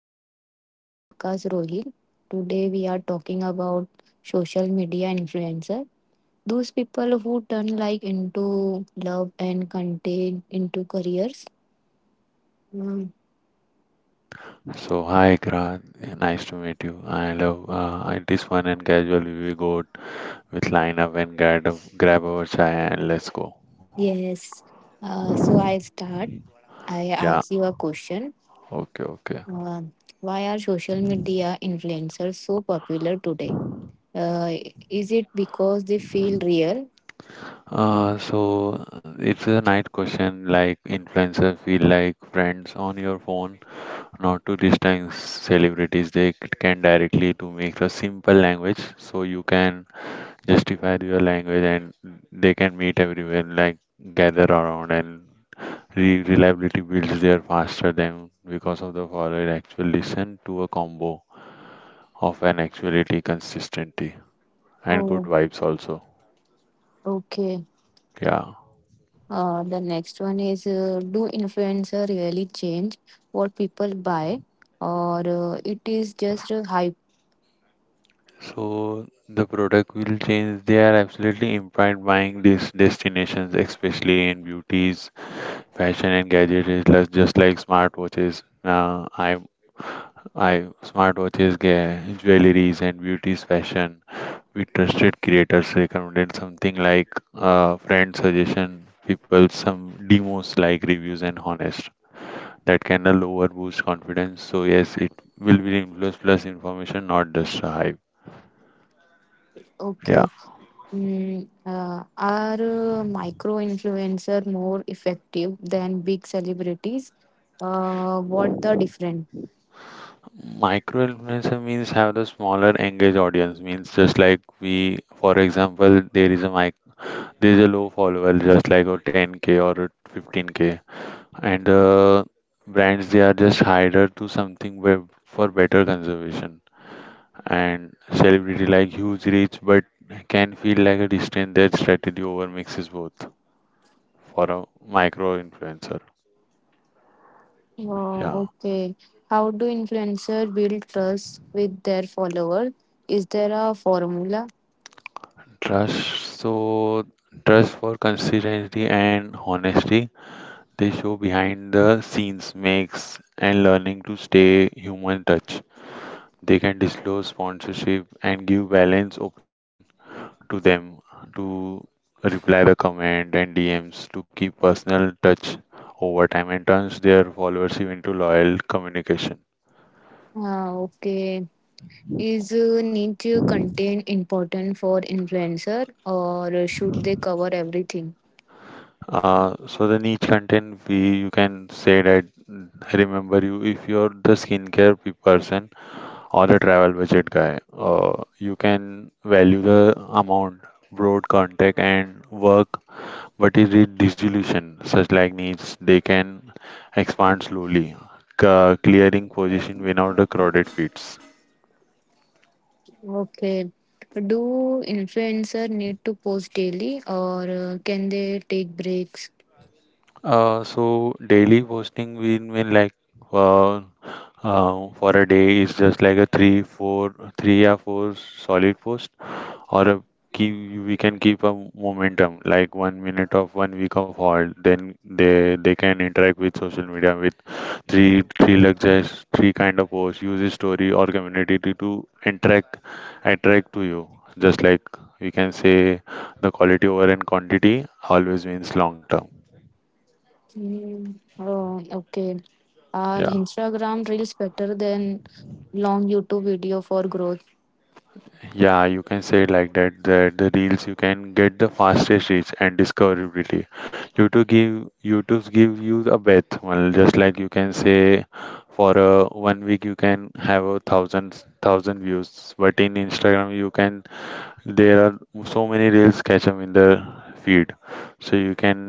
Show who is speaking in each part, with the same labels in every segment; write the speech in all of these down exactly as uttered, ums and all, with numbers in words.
Speaker 1: welcome to our podcast, Rohit. Today we are talking about social media influencer. Those people who turn like into love and content into careers. Mm,
Speaker 2: So hi Ikra, nice to meet you. I love uh, it is fun and casual. We go with line up and grab grab our chai and let's go.
Speaker 1: yes. Uh, so I start. I
Speaker 2: Yeah,
Speaker 1: ask you a question.
Speaker 2: okay, okay.
Speaker 1: Uh, why are social media influencers so popular today? Uh, is it because they feel real?
Speaker 2: Uh, so uh, it's a night question like influencers feel like friends on your phone, not to distance celebrities. They c- can directly to make a simple language so you can justify your language and they can meet everywhere like gather around and Re- reliability builds there faster than because of the follower actually listen to a combo of an actuality, consistency, and good
Speaker 1: Oh,
Speaker 2: vibes also.
Speaker 1: okay.
Speaker 2: Yeah.
Speaker 1: Uh, the next one is uh, do influencer really change what people buy or uh, it is just a hype.
Speaker 2: So the product will change. They are absolutely impact buying these destinations, especially in beauties, fashion, and gadgets, like- just like smartwatches. Uh, I, I smartwatches, ga- jewelries, and beauties, fashion we trusted creators recommended something like uh, friend suggestion, people some demos like reviews and honest. That can a lower boost confidence. So yes, it will be influence plus information, not just a hype. Yeah.
Speaker 1: Okay. Mm, uh, are uh, micro influencer more effective than big celebrities, uh, what the difference?
Speaker 2: Micro influencer means have the smaller engaged audience means just like we for example there is a mic there is a low follower just like a ten k or a fifteen k and uh, brands they are just hired to something where for better conservation and celebrity like huge reach but can feel like a distant. That strategy over mixes both for a micro influencer.
Speaker 1: Uh,
Speaker 2: Yeah.
Speaker 1: okay. How do influencer build trust with their followers? Is there a formula?
Speaker 2: Trust, so trust for consistency and honesty. They show behind the scenes makes and learning to stay human touch. They can disclose sponsorship and give balanced opinion to them to reply the comment and D Ms to keep personal touch over time and turns their followership into loyal communication.
Speaker 1: Uh, okay. Is uh, need to contain important for influencer or should they cover everything?
Speaker 2: Uh, so the niche content we you can say that, mm, remember you if you're the skincare pe- person or the travel budget guy, uh, you can value the amount broad contact and work. What is it dissolution? Such like needs, they can expand slowly, ca- clearing position without the crowded fits.
Speaker 1: Okay. Do influencer need to post daily or uh, can they take breaks?
Speaker 2: Uh, so daily posting will mean like, uh, uh, for a day is just like a three, four, three or four solid post, or a keep, we can keep a momentum like one minute of one week of halt. Then they they can interact with social media with three three luxuries three kind of posts, use his story or community to, to interact attract to you, just like we can say the quality over in quantity always means long term.
Speaker 1: Mm, oh, okay. Are
Speaker 2: Yeah.
Speaker 1: Instagram reels better than long YouTube video for growth?
Speaker 2: Yeah, you can say it like that, that the reels you can get the fastest reach and discoverability. youtube give YouTube give you a bet well, just like you can say for a one week you can have a thousand thousand views but in Instagram you can, there are so many rails catch up in the feed, so you can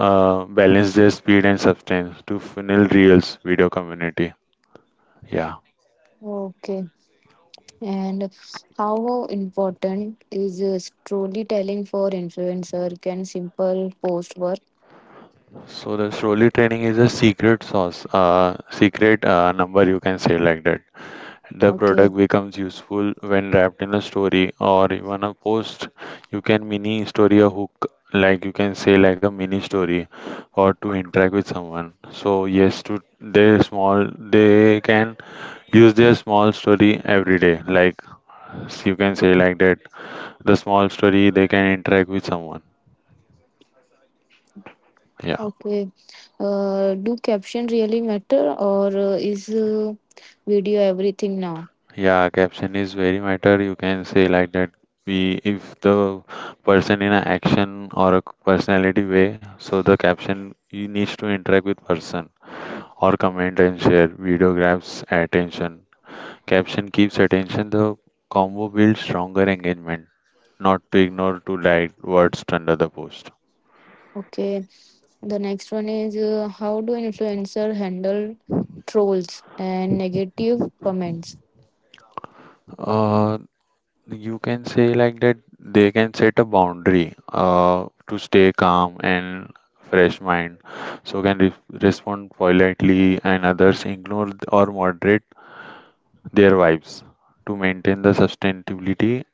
Speaker 2: uh, balance their speed and substance to funnel reels video community. Yeah.
Speaker 1: Okay. And how important is uh, storytelling for influencer? Can simple post work?
Speaker 2: So the slowly training is a secret sauce, uh, secret uh, number you can say like that. The product
Speaker 1: Okay.
Speaker 2: becomes useful when wrapped in a story or even a post. You can mini story a hook, like you can say like a mini story, or to interact with someone. So yes, to they small they can use their small story every day, like, s- you can say like that the small story they can interact with someone. Yeah.
Speaker 1: Okay. Uh, do caption really matter or uh, is uh, video everything now?
Speaker 2: Yeah, caption is very matter, you can say like that, we if the person in an action or a personality way, so the caption you needs to interact with person or comment and share video grabs attention. Caption keeps attention, the combo builds stronger engagement, not to ignore to write words under the post.
Speaker 1: Okay. The next one is uh, how do influencer handle trolls and negative comments?
Speaker 2: uh, You can say like that they can set a boundary, uh, to stay calm and fresh mind. So can re respond politely and others ignore or moderate their vibes to maintain the sustainability.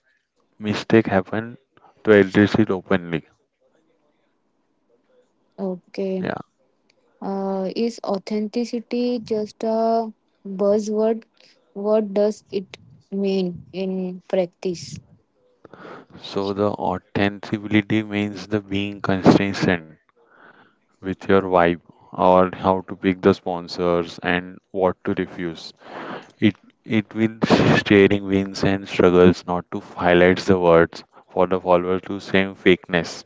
Speaker 2: Mistake happen to address it openly.
Speaker 1: Okay.
Speaker 2: Yeah.
Speaker 1: Uh, is authenticity just a buzzword? What does it mean in practice?
Speaker 2: So the authenticity means the being consistent with your vibe or how to pick the sponsors and what to refuse. It it with steering wins and struggles not to highlight the words for the followers to same fakeness,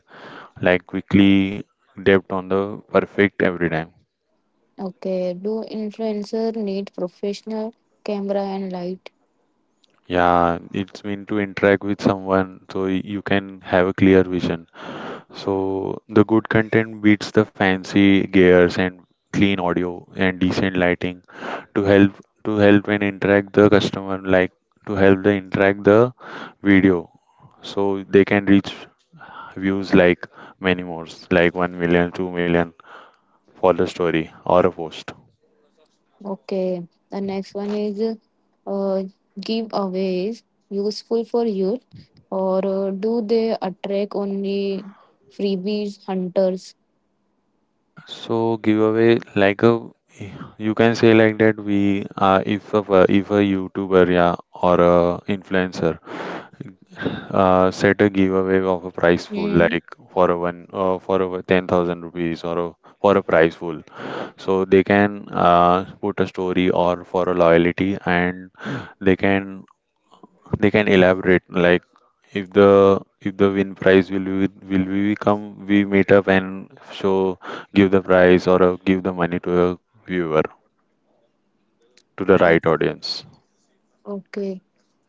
Speaker 2: like quickly depth on the perfect every time.
Speaker 1: Okay. Do influencer need professional camera and light?
Speaker 2: Yeah, it's mean to interact with someone so y- you can have a clear vision. So the good content beats the fancy gears and clean audio and decent lighting to help to help and interact the customer, like to help the interact the video, so they can reach views like many more, like one million, two million for the story or a post.
Speaker 1: Okay, the next one is uh, giveaways useful for youth, or uh, do they attract only freebies hunters?
Speaker 2: So giveaway like a, you can say like that we, uh, if a if a YouTuber, yeah, or a influencer, uh, set a giveaway of a prize pool
Speaker 1: Hmm.
Speaker 2: like for a one uh, for a ten thousand rupees or a, for a prize pool, so they can uh, put a story or for a loyalty and they can they can elaborate like if the if the win prize will we, will we come we meet up and show give the prize or uh, give the money to a viewer to the
Speaker 1: o-
Speaker 2: right audience.
Speaker 1: Okay.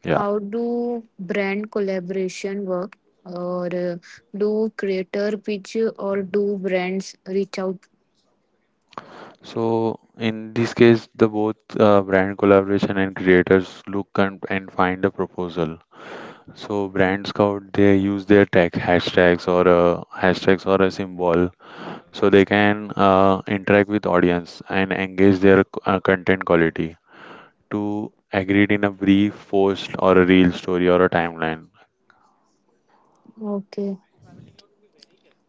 Speaker 2: Yeah.
Speaker 1: How do brand collaboration work, or uh, do creator pitch, or do brands reach out?
Speaker 2: So in this case the both uh, brand collaboration and creators look and, and find a proposal, so brand scout they use their tag hashtags or uh, hashtags or a symbol, so they can uh, interact with audience and engage their uh, content quality to agreed in a brief post or a real story or a timeline.
Speaker 1: Okay.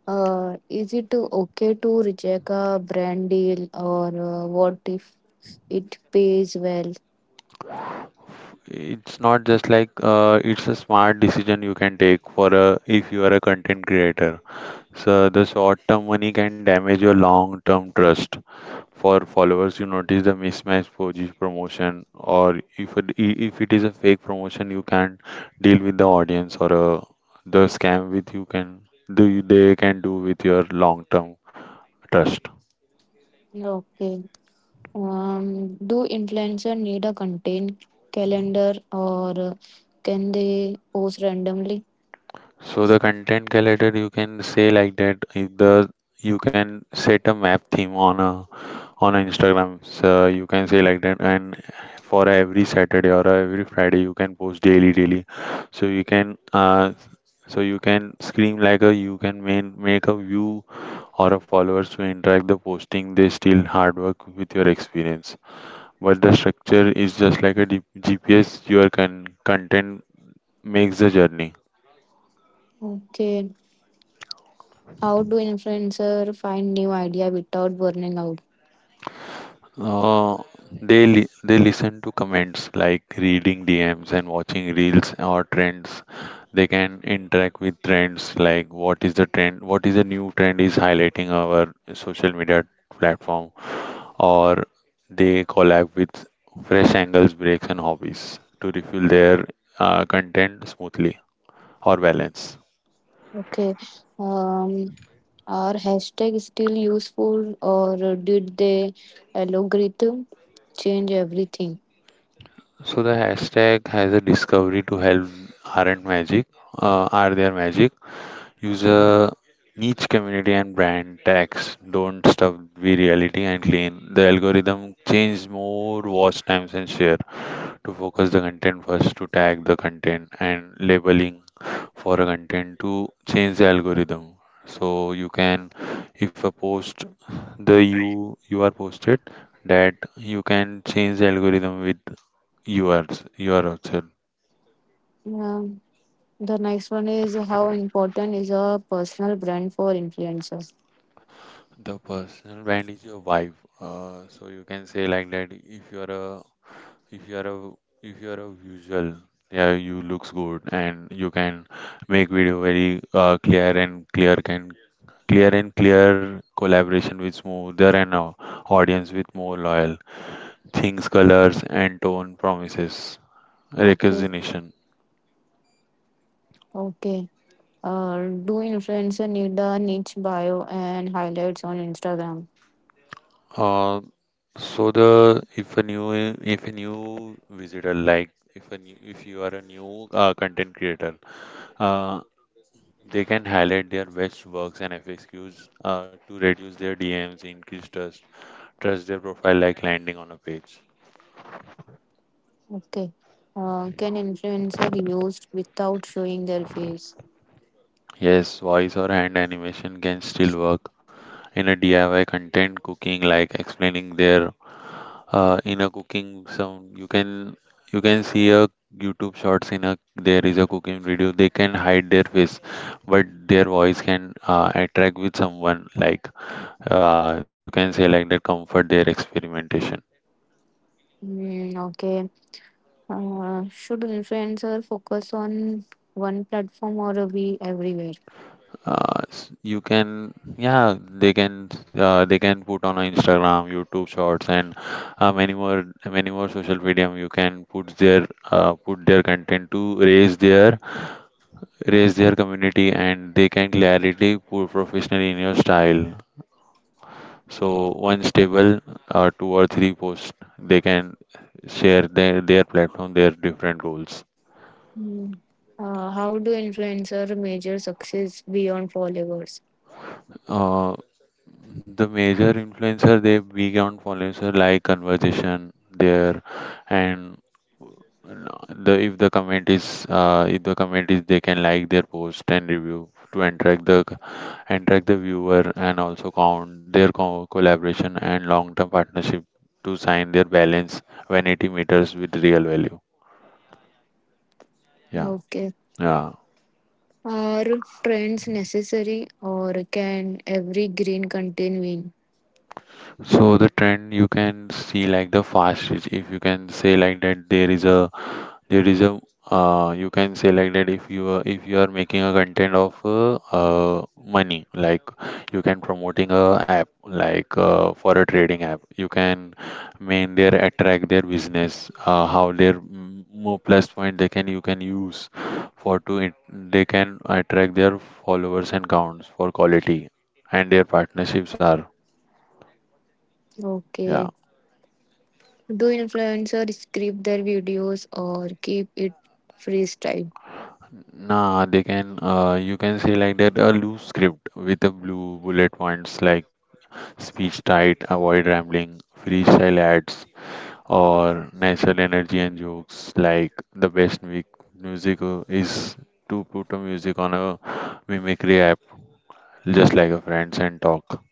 Speaker 1: Uh, is it okay to reject a brand deal, or uh, what if it pays well?
Speaker 2: It's not just like, uh, it's a smart decision you can take for a if you are a content creator. So the short-term money can damage your long-term trust. For followers, you notice the mismatch for this promotion, or if it, i- if it is a fake promotion, you can deal with the audience or uh, the scam with, you can do, they can do with your long-term trust.
Speaker 1: Okay. Um, do influencer need a content calendar or uh, can they post randomly?
Speaker 2: So the content calendar, you can say like that, is the you can set a map theme on a on a Instagram. So you can say like that, and for every Saturday or every Friday you can post daily daily. So you can uh so you can scream like a, you can main, make a view or a followers to interact the posting they still hard work with your experience. But the structure is just like a D- G P S your con- content makes the journey.
Speaker 1: Okay. How do influencer find new idea without burning out?
Speaker 2: Uh, they li- they listen to comments like reading D Ms and watching reels or trends. They can interact with trends like what is the trend, what is the new trend is highlighting our social media platform, or they collab with fresh angles, breaks, and hobbies to refill their uh, content smoothly or balance.
Speaker 1: Okay. Um, are hashtag still useful or did the algorithm change everything?
Speaker 2: So the hashtag has a discovery to help, aren't magic, uh, are their magic. User niche community and brand tags, don't stuff the reality and clean. The algorithm change more watch times and share to focus the content first to tag the content and labeling for a content to change the algorithm. So you can, if a post the you you are posted that you can change the algorithm with yours your yourself.
Speaker 1: Um, the next one is how important is a personal brand for influencers?
Speaker 2: The personal brand is your vibe, uh, so you can say like that if you are a if you are a if you are a visual, yeah, you looks good and you can make video very uh, clear and clear can clear and clear collaboration with smoother and uh, audience with more loyal things, colors and tone promises
Speaker 1: Okay.
Speaker 2: recognition.
Speaker 1: Okay. uh, do influencer need the niche bio and highlights on Instagram?
Speaker 2: uh, so the if a new if a new visitor, like if a new if you are a new uh, content creator uh. They can highlight their best works and F A Qs, uh, to reduce their D Ms, increase trust, trust their profile like landing on a page.
Speaker 1: Okay. Uh, can influencer used without showing their face?
Speaker 2: Yes, voice or hand animation can still work in a D I Y content cooking, like explaining their, uh, in a cooking some, you can, you can see a YouTube shorts in a, there is a cooking video. They can hide their face, but their voice can uh, attract with someone. Like, uh, you can say like that comfort their experimentation.
Speaker 1: Mm, okay. Uh, should influencer focus on one platform or be everywhere?
Speaker 2: Uh, s- you can, yeah, they can, uh, they can put on Instagram, YouTube Shorts, and uh, many more, many more social media. You can put their, uh, put their content to raise their, raise their community, and they can clarity put professionally in your style. So one stable, uh, two or three posts, they can share their their platform, their different goals.
Speaker 1: Mm. Uh, how do influencer measure success beyond followers?
Speaker 2: Uh, the major influencer, they beyond influencer like conversation there, and the, if the comment is uh, if the comment is, they can like their post and review to attract the attract the viewer, and also count their co- collaboration and long term partnership to sign their balance when it meters with real value. Yeah.
Speaker 1: Okay.
Speaker 2: Yeah.
Speaker 1: Are trends necessary or can every green contain win?
Speaker 2: So the trend, you can see like the fast reach. If you can say like that, there is a there is a uh, you can select that if you are if you are making a content of uh, uh, money, like you can promoting a app like uh, for a trading app, you can main their attract their business, uh, how their, mm, more plus point they can, you can use for to it. They can attract their followers and counts for quality and their partnerships are. Yeah.
Speaker 1: Okay. Do influencers script their videos or keep it freestyle?
Speaker 2: Nah, they can, uh, you can say like that, a loose script with a blue bullet points, like speech tight, avoid rambling, freestyle ads, or natural energy and jokes. Like the best mu- music uh, is to put a music on a mimicry app, just like a friends and talk.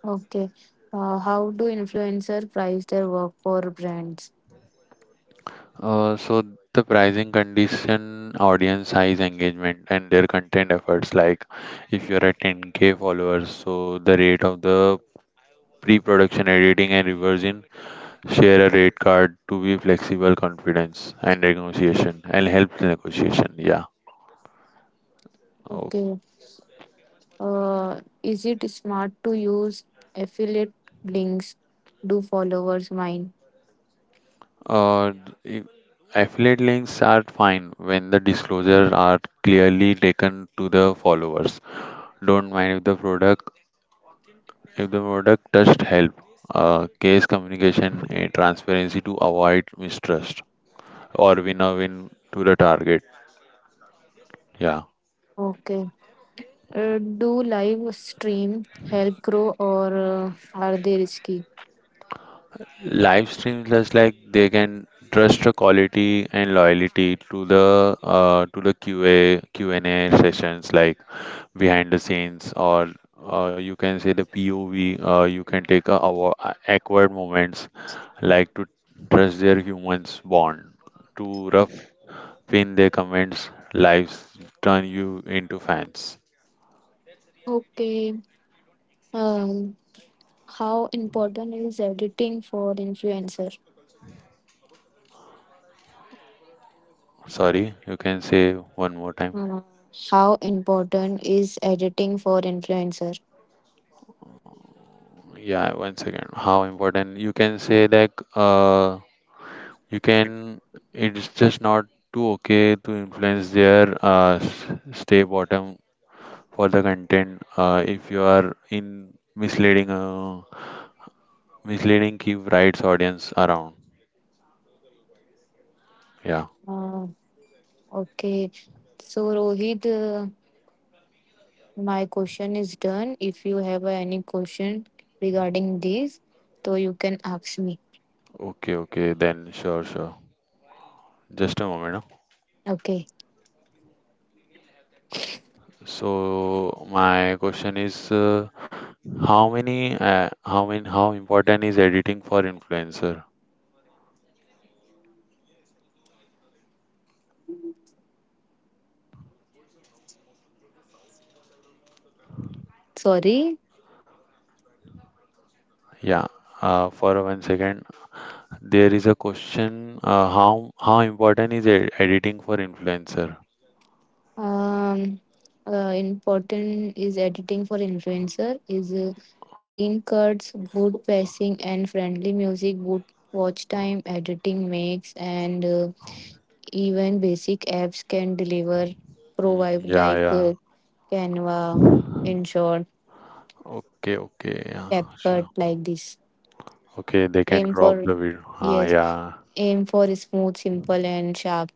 Speaker 1: Okay. Uh, how do influencers price their work for brands?
Speaker 2: Uh, so the pricing condition, audience size, engagement, and their content efforts. Like if you're at ten k followers, so the rate of the pre-production editing and reversion. Share a rate card to be flexible, confidence, and negotiation, and help the negotiation. Yeah. Oh.
Speaker 1: Okay. Uh, is it smart to use affiliate links? Do followers mine?
Speaker 2: Uh, i- Affiliate links are fine when the disclosure are clearly taken to the followers. Don't mind if the product, if the product just help. Uh, case communication and transparency to avoid mistrust or win a win to the target. Yeah.
Speaker 1: Okay. Uh, do live stream help grow or uh, are they risky?
Speaker 2: Live streams, just like they can trust the quality and loyalty to the uh, to the Q A Q and a sessions, like behind the scenes or uh, you can say the pov, uh, you can take a, awa- uh awkward moments like to trust their humans bond, to rough, pin their comments, lives turn you into fans.
Speaker 1: Okay. Um, how important is editing for influencer?
Speaker 2: Sorry, you can say one more time.
Speaker 1: Uh, how important is editing for influencer?
Speaker 2: Yeah, one second. How important, you can say that, uh you can, it's just not too okay to influence their uh, s- stay bottom for the content. Uh, if you are in misleading uh, misleading, keep rights audience around. Yeah.
Speaker 1: Uh, okay, so Rohit, uh, my question is done. If you have any question regarding this, so you can ask me.
Speaker 2: Okay, okay, then. Sure, sure. Just a moment, huh?
Speaker 1: Okay,
Speaker 2: So my question is, uh, how many uh, how many how important is editing for influencer?
Speaker 1: sorry.
Speaker 2: Yeah. Uh, for one second. There is a question, uh, how how important is e- editing for influencer?
Speaker 1: Um, uh, Important is editing for influencer is uh, clean cuts, good pacing, and friendly music. Good watch time editing makes and. Uh, Even basic apps can deliver provide
Speaker 2: Mm, yeah,
Speaker 1: like uh,
Speaker 2: yeah.
Speaker 1: Canva, InShot,
Speaker 2: Okay, okay, yeah, sure.
Speaker 1: CapCut like this.
Speaker 2: Okay, they can
Speaker 1: Aim
Speaker 2: crop
Speaker 1: for
Speaker 2: the video. Ah,
Speaker 1: yes,
Speaker 2: yeah.
Speaker 1: aim for smooth, simple and sharp.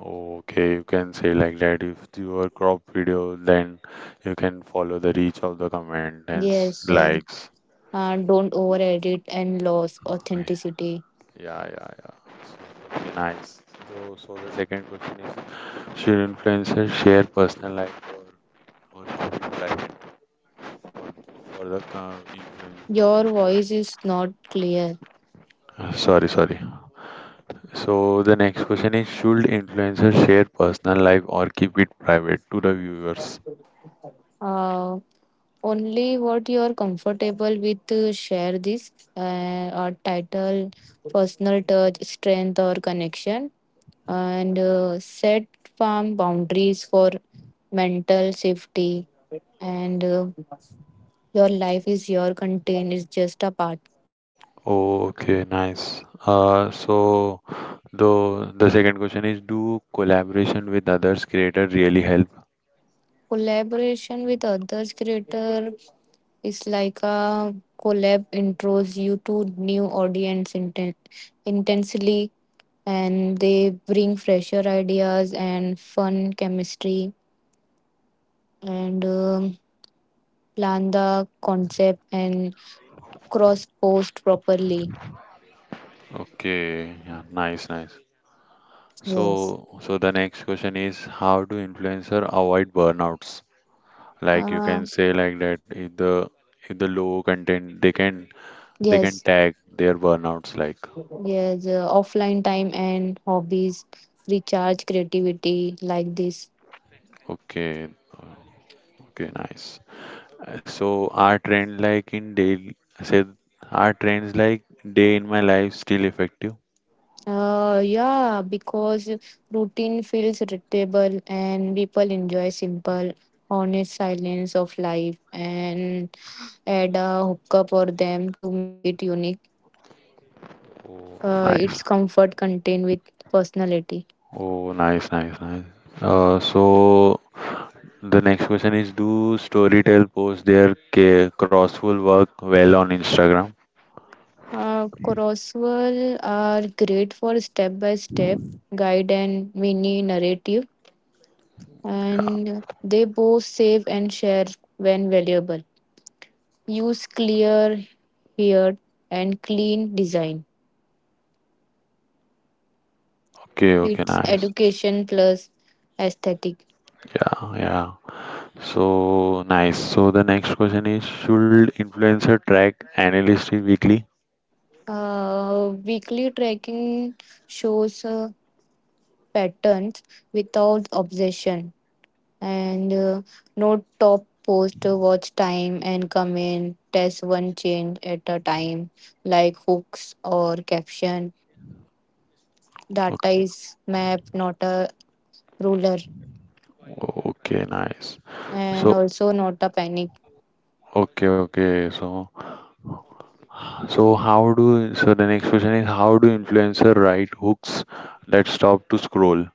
Speaker 2: Okay, you can say like that. If you are crop video, then you can follow the reach of the comment and s-
Speaker 1: Yes, yes.
Speaker 2: likes.
Speaker 1: Uh, don't over edit and lose authenticity.
Speaker 2: Yeah, yeah, yeah. So, okay, nice. So, so the second question is, should influencers share personal life, or, or shopping life? For the com- influence for the
Speaker 1: Your voice
Speaker 2: viewers.
Speaker 1: is not clear.
Speaker 2: Uh, Sorry, sorry. So the next question is, should influencers share personal life or keep it private to the viewers?
Speaker 1: Uh, Only what you are comfortable with to share this uh, or title personal touch strength or connection and uh, set firm boundaries for mental safety and uh, your life is your contain is just a part.
Speaker 2: Okay, nice. Uh, so the the second question is, do collaboration with others creator really help?
Speaker 1: Collaboration with others creator is like a collab intros you to new audience inten- intensely, and they bring fresher ideas and fun chemistry, and um, plan the concept and cross post properly.
Speaker 2: Okay, yeah, nice, nice.
Speaker 1: Yes.
Speaker 2: So so the next question is, how do influencer avoid burnouts? Like you
Speaker 1: Uh,
Speaker 2: can say like that, if the, if the low content they can, they can
Speaker 1: yes,
Speaker 2: tag their burnouts like.
Speaker 1: yes, uh, offline time and hobbies recharge creativity like this.
Speaker 2: Okay, okay, nice. Uh, so our trend like in daily, say, our trends like day in my life still effective.
Speaker 1: Uh, yeah, because routine feels irritable and people enjoy simple, honest silence of life and add a hookup or them to make it unique.
Speaker 2: Oh,
Speaker 1: Uh,
Speaker 2: nice.
Speaker 1: its comfort contained with personality.
Speaker 2: Oh nice, nice, nice. Uh, so the next question is, do storytell post their ca- crossful work well on Instagram?
Speaker 1: Uh, Crosswell are great for step by step guide and mini narrative, and they both save and share when valuable. Use clear, here and clean design.
Speaker 2: Okay, okay,
Speaker 1: It's
Speaker 2: nice.
Speaker 1: education plus aesthetic.
Speaker 2: Yeah, yeah. So, nice. So the next question is, should influencer track analyst weekly?
Speaker 1: Uh, weekly tracking shows uh, patterns without obsession. And uh, no top post, uh, watch time and come in, test one change at a time like hooks or caption. Data is map, not a ruler,
Speaker 2: Okay, nice.
Speaker 1: and
Speaker 2: So,
Speaker 1: also not a panic.
Speaker 2: okay, okay. So, so how do, so the next question is, how do influencer write hooks that stop to scroll?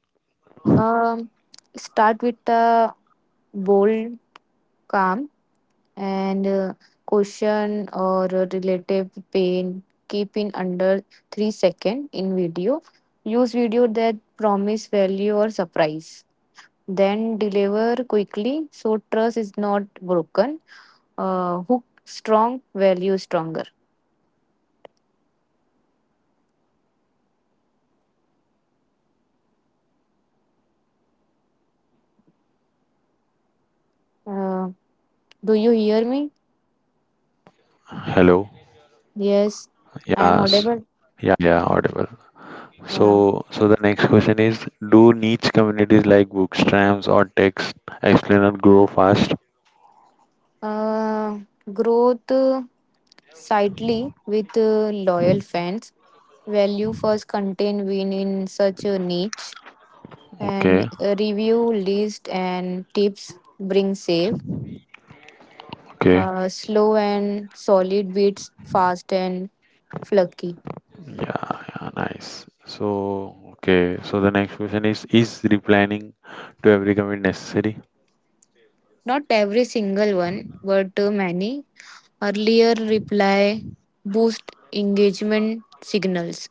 Speaker 1: um Start with a bold calm and uh, caution or relative pain. Keep in under three second in video. Use video that promise value or surprise, then deliver quickly so trust is not broken. Uh, hook strong, value stronger. uh, do you hear me?
Speaker 2: Hello.
Speaker 1: Yes, I'm
Speaker 2: Yes.
Speaker 1: audible.
Speaker 2: Yeah, yeah, audible.
Speaker 1: uh,
Speaker 2: So, so the next question is, do niche communities like bookstams or text explainer grow fast?
Speaker 1: uh, Growth uh, slightly with uh, loyal fans. Value first content win in such a niche, and
Speaker 2: Okay,
Speaker 1: a review list and tips bring save.
Speaker 2: okay.
Speaker 1: Uh, slow and solid beats fast and fluky.
Speaker 2: Yeah, yeah, nice. So, okay. So the next question is is replanning to every comment necessary?
Speaker 1: Not every single one, but uh, many. Earlier reply boost engagement signals,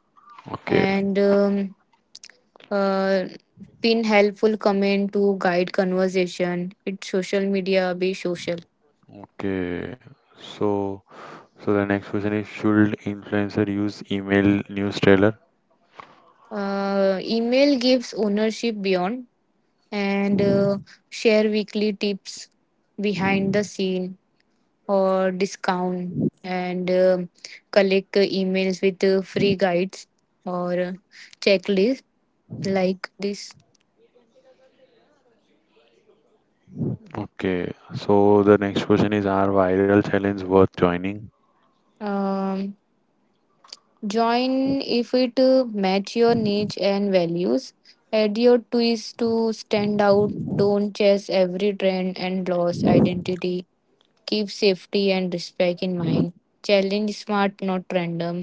Speaker 2: Okay.
Speaker 1: and um, uh, pin helpful comment to guide conversation. It's social media, be social.
Speaker 2: Okay, so, so the next question is, should influencer use email news trailer?
Speaker 1: Uh, email gives ownership beyond, and uh, share weekly tips behind the scene or discount, and um collect uh, emails with uh, free guides or uh, checklists like this.
Speaker 2: Okay, so the next question is, are viral challenge worth joining?
Speaker 1: um, Join if it uh, match your niche and values. Add your twist to stand out, don't chase every trend and lose identity. Keep safety and respect in mind. Challenge smart, not random.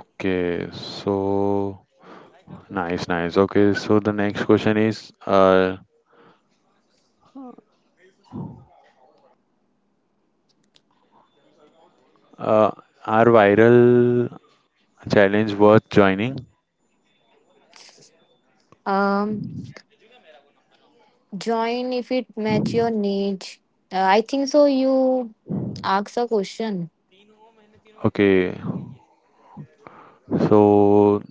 Speaker 2: Okay, so nice, nice. Okay, so the next question is uh, uh are viral challenge worth joining?
Speaker 1: um join if it match your niche. Uh, I think so you ask a question.
Speaker 2: Okay, so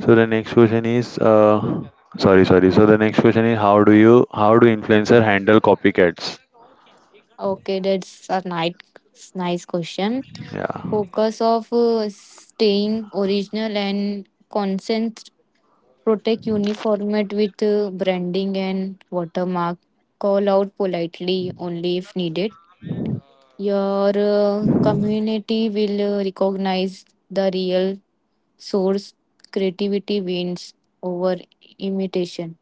Speaker 2: so the next question is uh sorry sorry. So the next question is, how do you how do influencer handle copycats?
Speaker 1: Okay, that's a nice nice question.
Speaker 2: Yeah.
Speaker 1: Focus of uh, staying original and consent. Protect uniformity with uh, branding and watermark. Call out politely only if needed. Your uh, community will uh, recognize the real source. Creativity wins over imitation.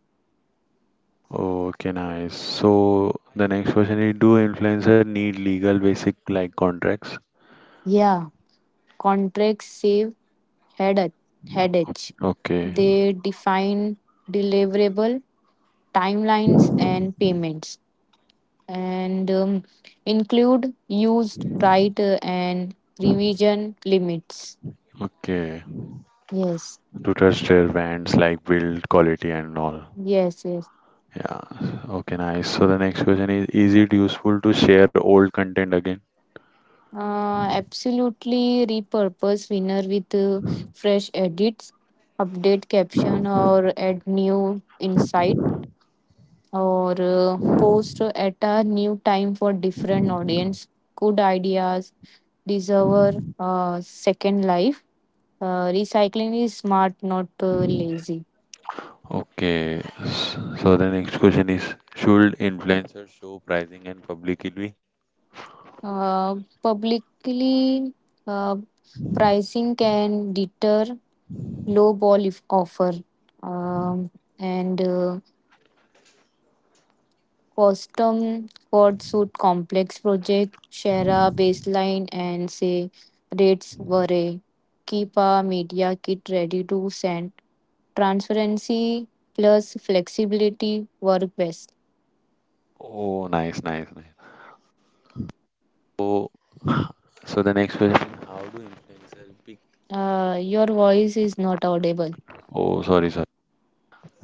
Speaker 2: Okay, nice. So the next question is, do influencer need legal basic like contracts?
Speaker 1: Yeah, contracts save head headache.
Speaker 2: Okay,
Speaker 1: They define deliverable, timelines and payments, and um, include used right uh, and revision limits.
Speaker 2: okay.
Speaker 1: Yes,
Speaker 2: To trust their brands like build quality and all.
Speaker 1: yes, yes.
Speaker 2: Yeah. Okay, nice. So the next question is, is it useful to share old content again?
Speaker 1: Uh, absolutely repurpose winner with uh, fresh edits. Update caption or add new insight, or uh, post at a new time for different audience. Good ideas deserve a uh, second life. Uh, recycling is smart, not uh, lazy.
Speaker 2: Okay. s- So the next question is, should influencers show pricing and publicity?
Speaker 1: Uh, Publicly uh, pricing can deter low ball if offer. Um, and uh, custom code suit complex project. Share a baseline and say rates were a, keep a media kit ready to send. Transparency plus flexibility work best.
Speaker 2: Oh, nice, nice, nice. So, so the next question, how do influencers pick?
Speaker 1: Uh, your voice is not audible.
Speaker 2: Oh, sorry, sorry.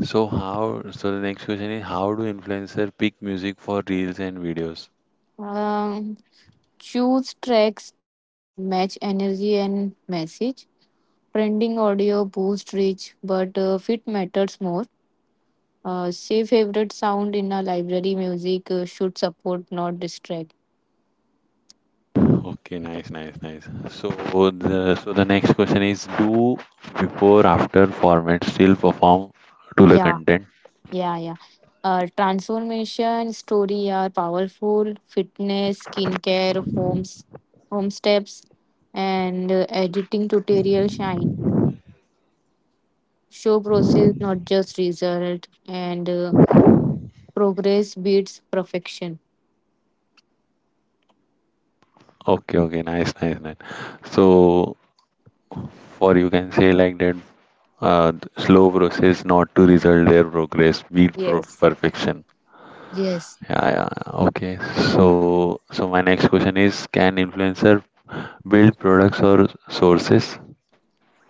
Speaker 2: So how? So the next question is, how do influencer pick music for reels and videos?
Speaker 1: Uh, Choose tracks that match energy and message. Trending audio boosts reach, but uh, fit matters more. Uh, say favorite sound in a library music uh, should support, not distract.
Speaker 2: Okay, nice, nice, nice. So the so the next question is, do before after format still perform to the
Speaker 1: Yeah,
Speaker 2: content?
Speaker 1: yeah, yeah. Uh, transformation story are powerful. Fitness, skincare, homes, home steps, and uh, editing tutorial shine. Show process, not just result, and uh, progress beats perfection.
Speaker 2: Okay, okay, nice, nice, nice. So, for, you can say like that, uh, th- slow process, not to result, their progress beat pro-
Speaker 1: Yes,
Speaker 2: perfection.
Speaker 1: yes,
Speaker 2: Yeah, yeah, yeah. Okay. So, so my next question is, can influencer build products or sources?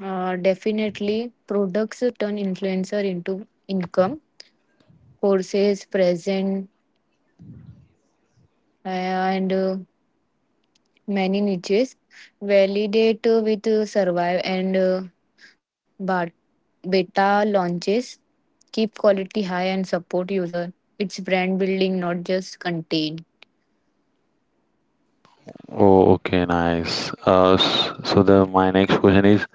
Speaker 1: uh, definitely. Products turn influencer into income, courses present, uh, and uh, many niches validate uh, with uh, survive, and uh, but beta launches keep quality high and support user. It's brand building, not just contain.
Speaker 2: Oh, okay, nice. Uh, s- so the my next question is: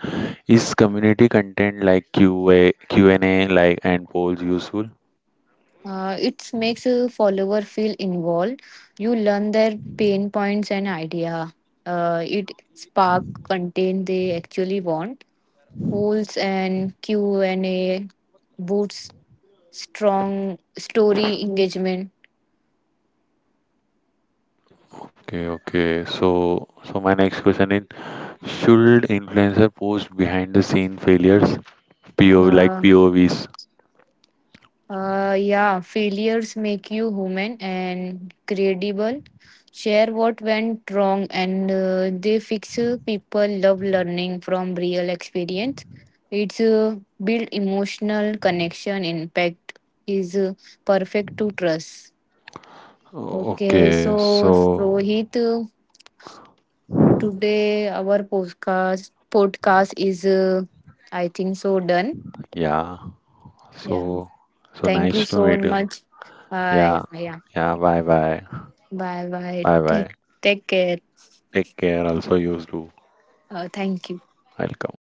Speaker 2: Is community content like Q A, Q and a like, and polls useful?
Speaker 1: Uh, it makes a follower feel involved. You learn their pain points and idea. Uh, it spark content they actually want. Polls and Q and A boosts strong story engagement.
Speaker 2: Okay, okay. So, so my next question is, should influencer post behind the scene failures, P O like
Speaker 1: Uh,
Speaker 2: P O Vs? O- Vs?
Speaker 1: Uh, yeah, failures make you human and credible. Share what went wrong, and uh, they fix. uh, People love learning from real experience. It's uh, build emotional connection. Impact is uh, perfect to trust.
Speaker 2: O-
Speaker 1: Okay,
Speaker 2: Okay,
Speaker 1: so
Speaker 2: so
Speaker 1: Rohit, uh, today our podcast podcast is, uh, I think so done.
Speaker 2: yeah,
Speaker 1: Yeah,
Speaker 2: so, so
Speaker 1: thank you
Speaker 2: nice to
Speaker 1: so
Speaker 2: meet you.
Speaker 1: much. Hi,
Speaker 2: Yeah,
Speaker 1: yeah.
Speaker 2: yeah. Bye, bye,
Speaker 1: Bye bye.
Speaker 2: bye, bye.
Speaker 1: Take, take care.
Speaker 2: Take care. Also, you too.
Speaker 1: Uh, thank you.
Speaker 2: Welcome.